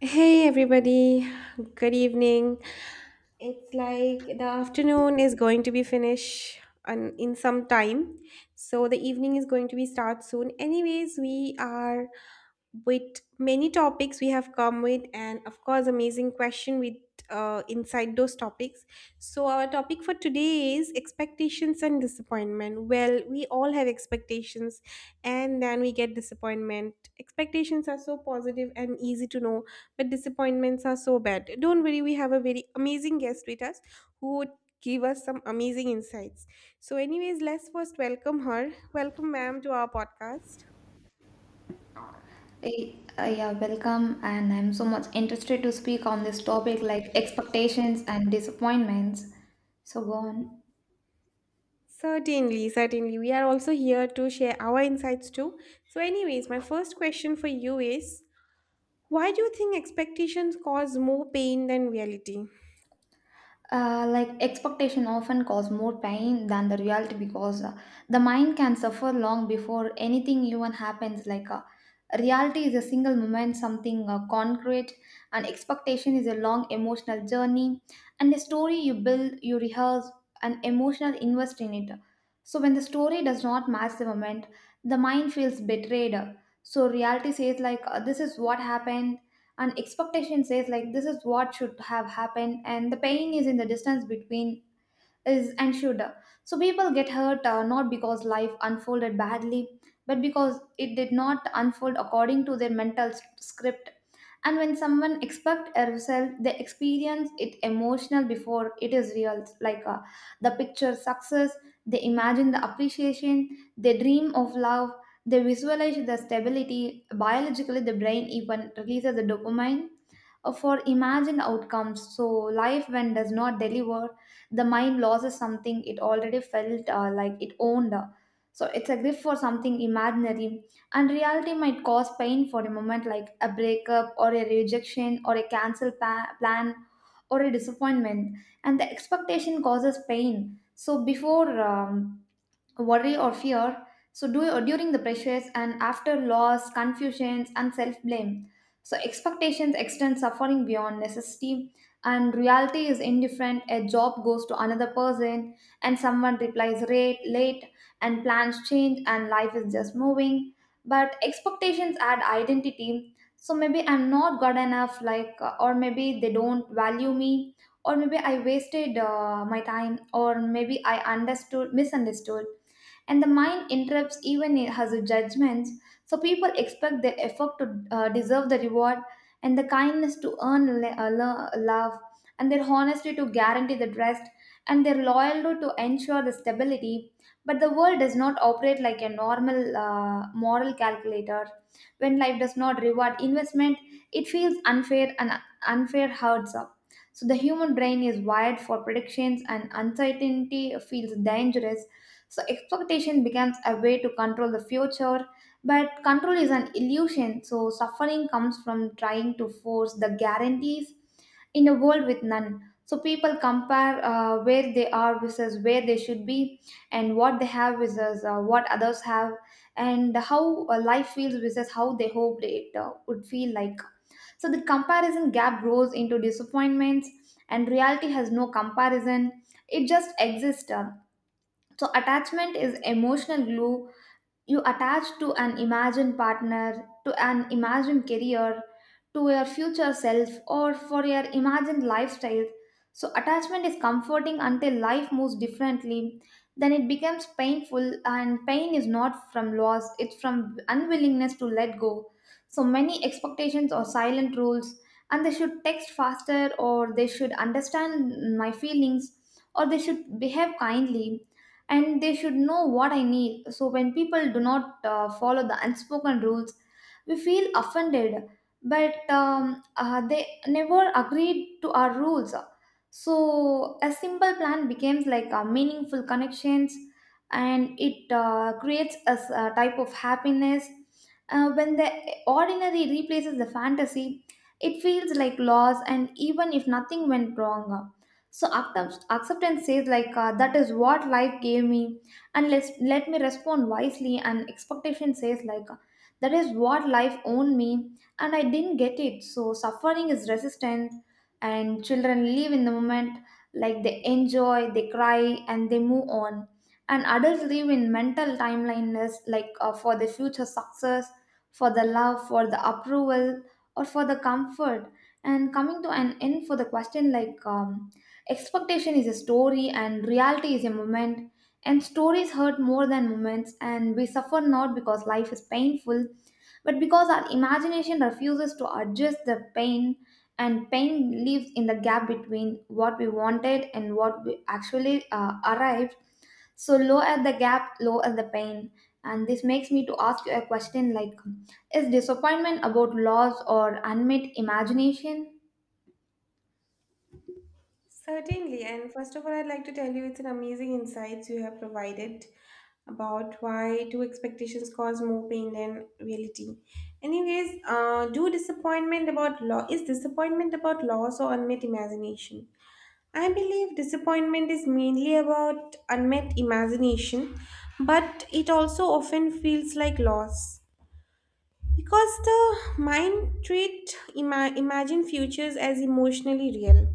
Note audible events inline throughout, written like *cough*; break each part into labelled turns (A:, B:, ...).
A: Hey everybody, good evening. It's like the afternoon is going to be finished and in some time. So the evening is going to be start soon. Anyways, we are with many topics we have come with and of course amazing question with inside those topics. So our topic for today is expectations and disappointment. Well, we all have expectations and then we get disappointment. Expectations are so positive and easy to know but disappointments are so bad. Don't worry, we have a very amazing guest with us who would give us some amazing insights. So, anyways, let's first welcome her. Welcome, ma'am, to our podcast.
B: Hey, yeah, welcome, and I'm so much interested to speak on this topic like expectations and disappointments. So go on.
A: Certainly, certainly. We are also here to share our insights too. So, anyways, my first question for you is why do you think expectations cause more pain than reality?
B: Like expectation often cause more pain than the reality because the mind can suffer long before anything even happens like reality is a single moment something concrete and expectation is a long emotional journey and a story you build you rehearse an emotional invest in it. So when the story does not match the moment, the mind feels betrayed. So reality says like this is what happened, and expectation says like this is what should have happened, and the pain is in the distance between is ensured. So people get hurt not because life unfolded badly, but because it did not unfold according to their mental script. And when someone expect a result, they experience it emotional before it is real. Like the picture success, they imagine the appreciation, they dream of love, they visualize the stability. Biologically, the brain even releases the dopamine for imagined outcomes. So life when does not deliver, the mind loses something it already felt like it owned, so it's a grief for something imaginary. And reality might cause pain for a moment, like a breakup or a rejection or a cancelled plan or a disappointment, and the expectation causes pain so before worry or fear, so during the pressures and after loss confusions and self-blame. So expectations extend suffering beyond necessity, and reality is indifferent. A job goes to another person, and someone replies rate late, and plans change, and life is just moving. But expectations add identity, so maybe I'm not good enough, like or maybe they don't value me, or maybe I wasted my time, or maybe I understood misunderstood, and the mind interrupts even it has judgments. So people expect their effort to deserve the reward, and the kindness to earn love, and their honesty to guarantee the trust, and their loyalty to ensure the stability. But the world does not operate like a normal moral calculator. When life does not reward investment, it feels unfair, and unfair hurts up. So the human brain is wired for predictions, and uncertainty feels dangerous, so expectation becomes a way to control the future, but control is an illusion. So suffering comes from trying to force the guarantees in a world with none. So people compare where they are versus where they should be, and what they have versus what others have, and how life feels versus how they hoped it would feel like. So the comparison gap grows into disappointments, and reality has no comparison. It just exists. So attachment is emotional glue. You attach to an imagined partner, to an imagined career, to your future self, or for your imagined lifestyle. So attachment is comforting until life moves differently. Then it becomes painful, and pain is not from loss, it's from unwillingness to let go. So many expectations or silent rules, and they should text faster, or they should understand my feelings, or they should behave kindly, and they should know what I need. So when people do not follow the unspoken rules, we feel offended, but they never agreed to our rules. So a simple plan becomes like a meaningful connections, and it creates a type of happiness. When the ordinary replaces the fantasy, it feels like loss, and even if nothing went wrong. So acceptance says like that is what life gave me, and let me respond wisely. And expectation says like that is what life owned me, and I didn't get it. So suffering is resistant, and children live in the moment, like they enjoy, they cry, and they move on. And adults live in mental timeliness, like for the future success, for the love, for the approval, or for the comfort. And coming to an end for the question like. Expectation is a story and reality is a moment, and stories hurt more than moments, and we suffer not because life is painful, but because our imagination refuses to adjust the pain, and pain lives in the gap between what we wanted and what we actually arrived. So low at the gap, low at the pain. And this makes me to ask you a question like, is disappointment about loss or unmet imagination?
A: Certainly, and first of all, I'd like to tell you it's an amazing insights you have provided about why do expectations cause more pain than reality. Anyways, do disappointment about law is disappointment about loss or unmet imagination? I believe disappointment is mainly about unmet imagination, but it also often feels like loss because the mind treat imagine futures as emotionally real.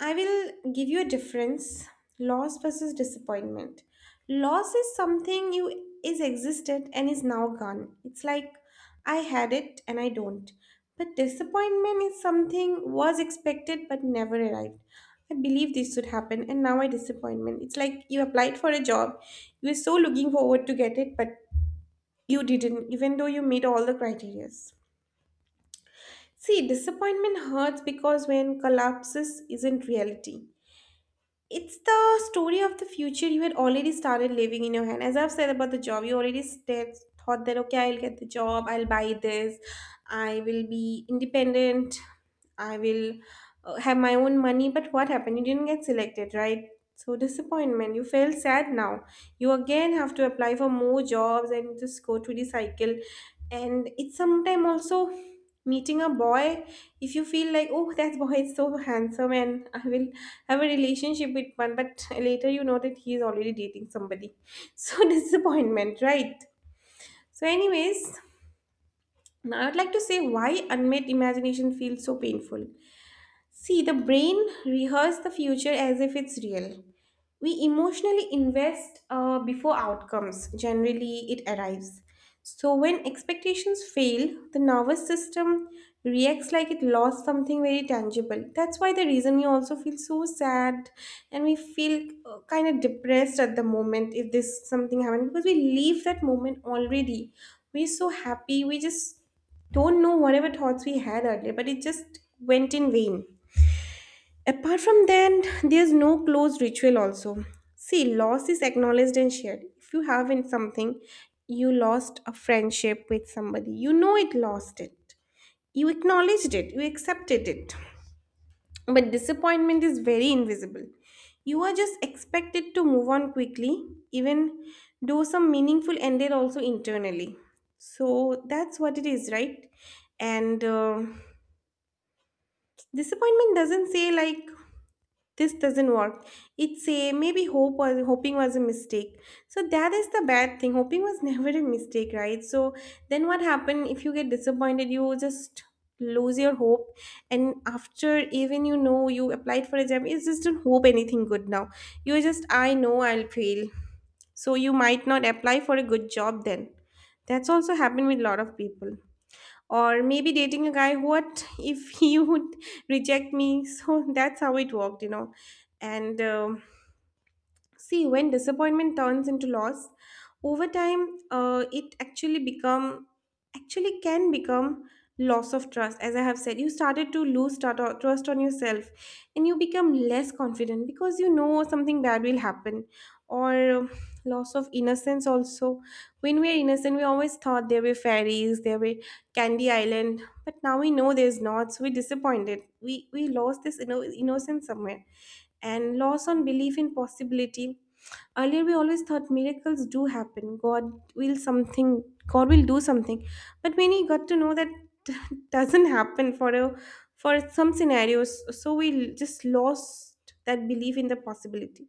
A: I will give you a difference, loss versus disappointment. Loss is something you is existed and is now gone. It's like I had it and I don't. But disappointment is something was expected but never arrived. I believe this should happen and now I disappointment. It's like you applied for a job, you were so looking forward to get it, but you didn't, even though you meet all the criterias. See, disappointment hurts because when collapses isn't reality, it's the story of the future you had already started living in your hand. As I've said about the job, you already said, thought that okay, I'll get the job, I'll buy this, I will be independent, I will have my own money. But what happened? You didn't get selected, right? So disappointment. You feel sad now, you again have to apply for more jobs and just go through the cycle. And it's sometime also meeting a boy. If you feel like, oh, that boy is so handsome and I will have a relationship with one, but later you know that he is already dating somebody *laughs* so disappointment, right? So anyways, now I would like to say why unmet imagination feels so painful. See, the brain rehearses the future as if it's real. We emotionally invest before outcomes, generally, it arrives. So, when expectations fail, the nervous system reacts like it lost something very tangible. That's why the reason we also feel so sad and we feel kind of depressed at the moment if this something happened because we leave that moment already. We're so happy, we just don't know whatever thoughts we had earlier, but it just went in vain. Apart from that, there's no closed ritual also. See, loss is acknowledged and shared. If you have in something, you lost a friendship with somebody, you know it lost it. You acknowledged it, you accepted it. But disappointment is very invisible. You are just expected to move on quickly, even though some meaningful ended also internally. So that's what it is, right? And disappointment doesn't say like this doesn't work, it's a maybe hope was hoping was a mistake. So that is the bad thing, hoping was *laughs* never a mistake, right? So then what happened? If you get disappointed, you just lose your hope. And after, even you know, you applied for a job, you just don't hope anything good now. You just, I know I'll fail. So you might not apply for a good job then. That's also happened with a lot of people. Or maybe dating a guy, what if *laughs* he would reject me? So that's how it worked, you know. And see, when disappointment turns into loss over time, it actually become, actually can become loss of trust. As I have said, you started to lose trust on yourself and you become less confident because you know something bad will happen. Or loss of innocence also. When we are innocent, we always thought there were fairies, there were candy island, but now we know there's not, so we're disappointed. We lost this innocence somewhere. And loss on belief in possibility. Earlier, we always thought miracles do happen. God will something. God will do something. But when we got to know that *laughs* doesn't happen for a, for some scenarios, so we just lost that belief in the possibility.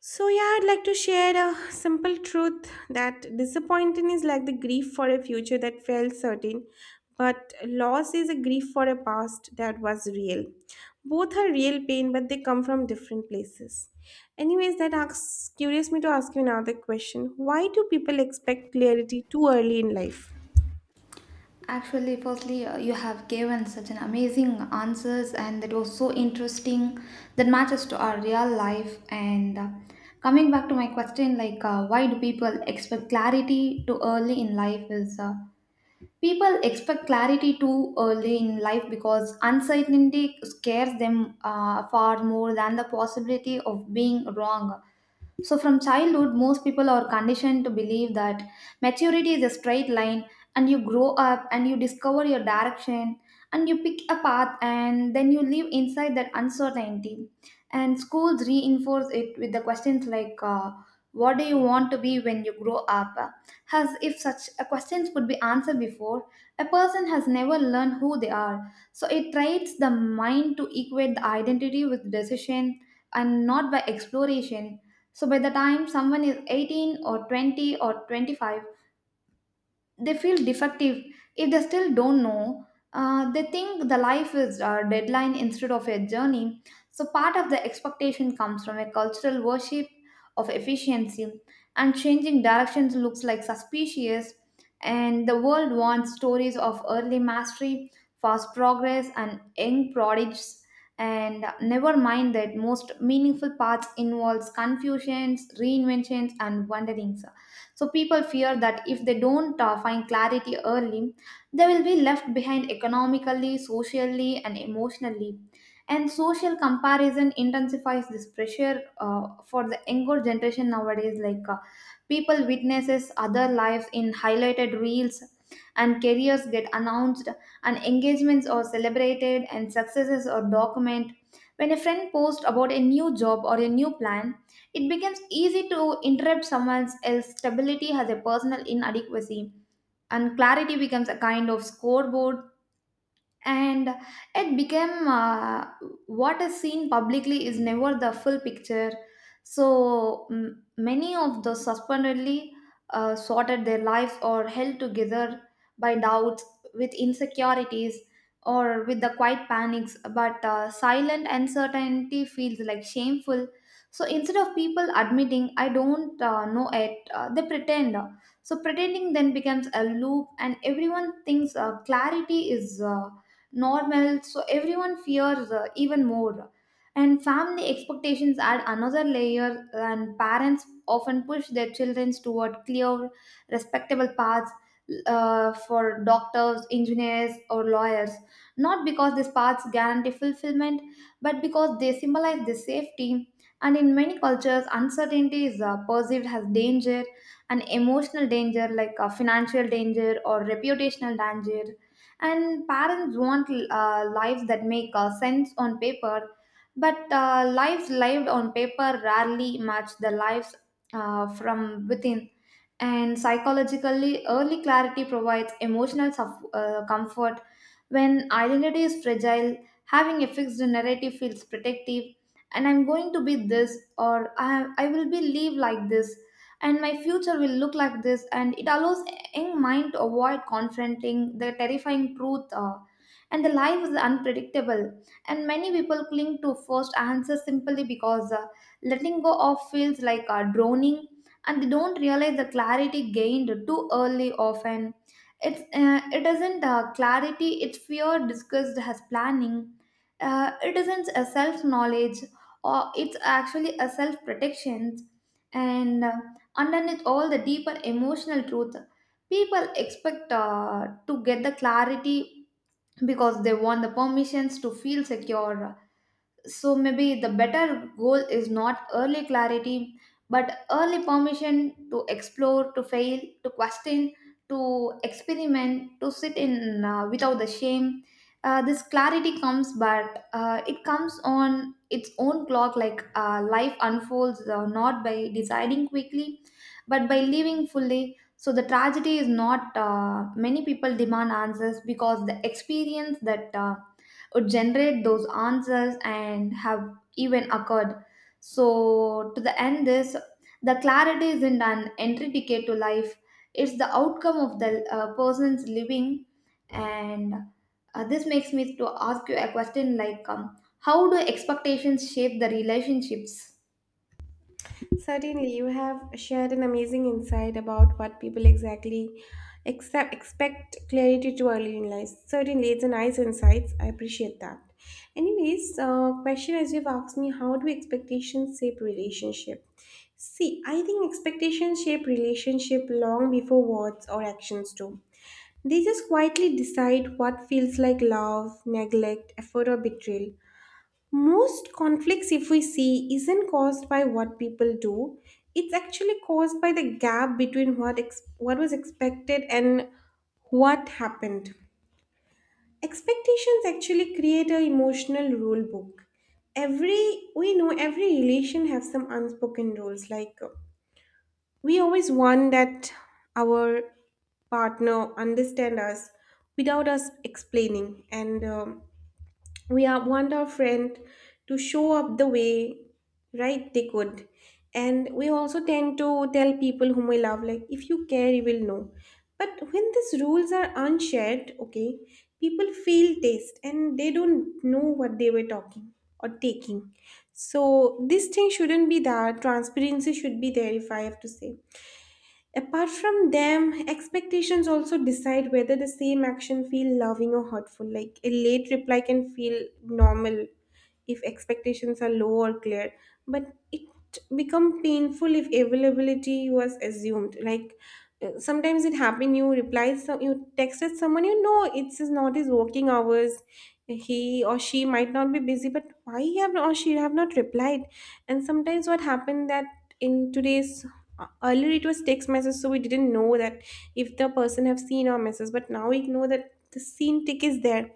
A: So, yeah, I'd like to share a simple truth that disappointment is like the grief for a future that felt certain, but loss is a grief for a past that was real. Both are real pain, but they come from different places. Anyways, that asks, curious me to ask you another question. Why do people expect clarity too early in life?
B: Actually, firstly, you have given such an amazing answers, and that was so interesting. That matches to our real life. And coming back to my question, like, why do people expect clarity too early in life? Is people expect clarity too early in life because uncertainty scares them far more than the possibility of being wrong. So from childhood, most people are conditioned to believe that maturity is a straight line, and you grow up and you discover your direction, and you pick a path, and then you live inside that uncertainty. And schools reinforce it with the questions like, what do you want to be when you grow up? As if such a questions could be answered before a person has never learned who they are. So it trains the mind to equate the identity with decision and not by exploration. So by the time someone is 18 or 20 or 25, they feel defective if they still don't know. They think the life is a deadline instead of a journey. So part of the expectation comes from a cultural worship of efficiency, and changing directions looks like suspicious, and the world wants stories of early mastery, fast progress, and young prodigies, and never mind that most meaningful paths involves confusions, reinventions, and wanderings. So people fear that if they don't find clarity early, they will be left behind economically, socially, and emotionally. And social comparison intensifies this pressure for the younger generation nowadays. Like people witnesses other lives in highlighted reels, and careers get announced, and engagements are celebrated, and successes are documented. When a friend posts about a new job or a new plan, it becomes easy to interrupt someone else's stability as a personal inadequacy, and clarity becomes a kind of scoreboard, and it became. What is seen publicly is never the full picture. So many of the suspendedly sorted their lives or held together by doubts, with insecurities, or with the quiet panics. But silent uncertainty feels like shameful, so instead of people admitting I don't know it, they pretend. So pretending then becomes a loop, and everyone thinks clarity is normal, so everyone fears even more. And family expectations add another layer, and parents often push their children toward clear, respectable paths, for doctors, engineers, or lawyers, not because these paths guarantee fulfillment, but because they symbolize the safety. And in many cultures uncertainty is perceived as danger, an emotional danger, like a financial danger or reputational danger. And parents want lives that make sense on paper, but lives lived on paper rarely match the lives from within. And psychologically, early clarity provides emotional suff comfort. When identity is fragile, having a fixed narrative feels protective, and I'm going to be this, or I will be live like this, and my future will look like this, and it allows in mind to avoid confronting the terrifying truth, and the life is unpredictable, and many people cling to first answers simply because letting go of feels like drowning, and they don't realize the clarity gained too early often it isn't clarity, it's fear discussed as planning, it isn't a self knowledge, or it's actually a self protection. And underneath all the deeper emotional truth, people expect to get the clarity because they want the permissions to feel secure. So maybe the better goal is not early clarity, but early permission to explore, to fail, to question, to experiment, to sit in without the shame. This clarity comes, but it comes on its own clock, like life unfolds not by deciding quickly, but by living fully. So the tragedy is not many people demand answers because the experience that would generate those answers and have even occurred. So to the end, this the clarity isn't an entry ticket to life, it's the outcome of the person's living. And this makes me to ask you a question like, how do expectations shape the relationships?
A: Certainly, you have shared an amazing insight about what people exactly accept, expect clarity to early in life. Certainly, it's a nice insight. I appreciate that. Anyways, question as you've asked me, how do expectations shape relationship? See, I think expectations shape relationship long before words or actions do. They just quietly decide what feels like love, neglect, effort, or betrayal. Most conflicts, if we see, isn't caused by what people do. It's actually caused by the gap between what was expected and what happened. Expectations actually create a emotional rule book. Every we know, every relation has some unspoken rules. Like we always want that our partner understand us without us explaining. And want our friend to show up the way right they could. And we also tend to tell people whom we love, like if you care you will know. But when these rules are unshared, okay, people feel taste and they don't know what they were talking or taking. So this thing shouldn't be there, transparency should be there, if I have to say. Apart from them, expectations also decide whether the same action feel loving or hurtful. Like a late reply can feel normal if expectations are low or clear, but it become painful if availability was assumed. Like sometimes it happen you reply some, you texted someone, you know it's not his working hours, he or she might not be busy, but why he have or she have not replied? And sometimes what happened that in today's, earlier it was text message, so we didn't know that if the person have seen our message, but now we know that the seen tick is there.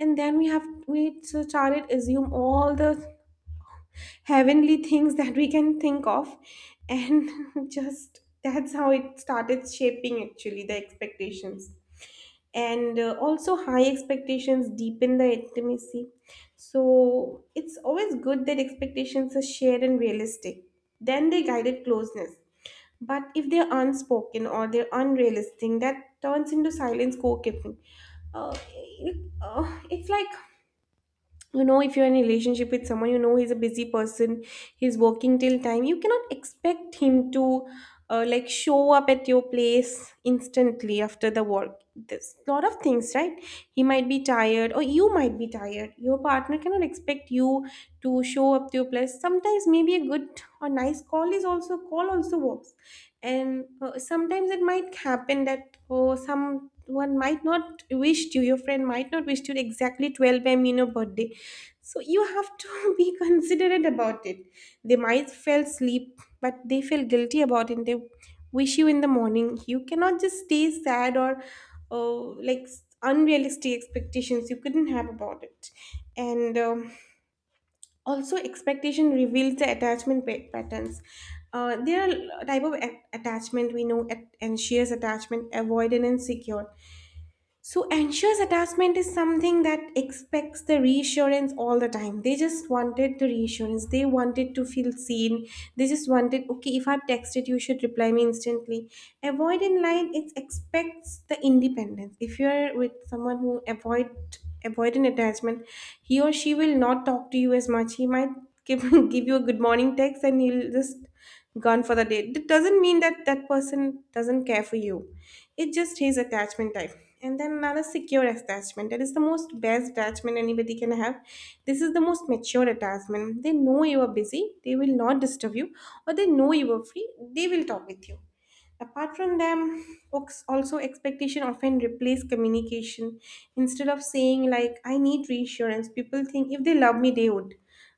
A: And then we have, we so started assume all the heavenly things that we can think of and *laughs* just that's how it started shaping actually the expectations. And also, high expectations deepen the intimacy. So it's always good that expectations are shared and realistic, then they guided closeness. But if they're unspoken or they're unrealistic, that turns into silence co-keeping. uh, it's like, you know, if you're in a relationship with someone, you know he's a busy person, he's working till time, you cannot expect him to like show up at your place instantly after the work. There's a lot of things, right? He might be tired or you might be tired. Your partner cannot expect you to show up to your place sometimes. Maybe a good or nice call is also, call also works. And sometimes it might happen that, oh, someone might not wish you, your friend might not wish you exactly 12 a.m. in your birthday, so you have to *laughs* be considerate about it. They might fell asleep, but they feel guilty about it. They wish you in the morning. You cannot just stay sad or, oh, like unrealistic expectations you couldn't have about it. And also, expectation reveals the attachment patterns. There are type of attachment we know: anxious attachment, avoidant, and secure. So, anxious attachment is something that expects the reassurance all the time. They just wanted the reassurance. They wanted to feel seen. They just wanted, okay, if I've texted, you should reply me instantly. Avoid in line, it expects the independence. If you're with someone who avoid an attachment, he or she will not talk to you as much. He might give, *laughs* give you a good morning text and he will just gone for the day. That doesn't mean that that person doesn't care for you. It just his attachment type. And then another secure attachment. That is the most best attachment anybody can have. This is the most mature attachment. They know you are busy. They will not disturb you. Or they know you are free. They will talk with you. Apart from them, books also, expectation often replace communication. Instead of saying like I need reassurance, people think if they love me they would.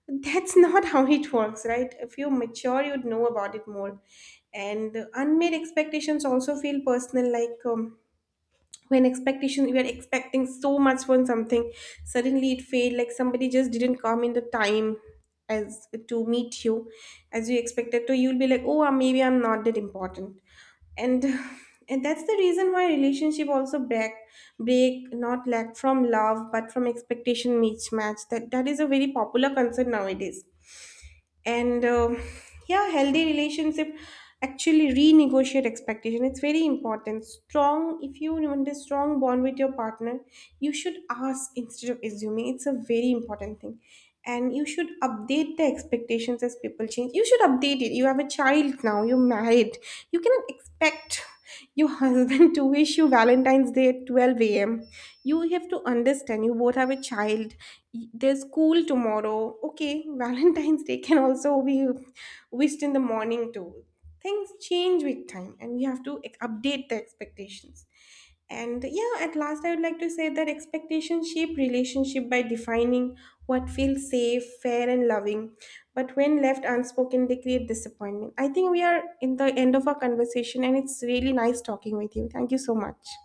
A: But that's *laughs* not how it works, right? If you mature, you'd know about it more. And the unmet expectations also feel personal, like when expectation we are expecting so much from something, suddenly it failed, like somebody just didn't come in the time as to meet you as you expected, so you'll be like, oh, maybe I'm not that important. And *sighs* and that's the reason why relationship also break not lack from love but from expectation mismatch. That, that is a very popular concern nowadays. And yeah, healthy relationship actually renegotiate expectation. It's very important, strong. If you want a strong bond with your partner, you should ask instead of assuming. It's a very important thing. And you should update the expectations as people change. You should update it. You have a child now, you're married, you cannot expect your *laughs* husband to wish you valentine's day at 12 a.m. You have to understand, you both have a child. There's school tomorrow, okay, *laughs* valentine's day can also be wished in the morning too. Things change with time and we have to update the expectations. And yeah, at last I would like to say that expectations shape relationship by defining what feels safe, fair and loving, but when left unspoken they create disappointment. I think we are in the end of our conversation and it's really nice talking with you. Thank you so much.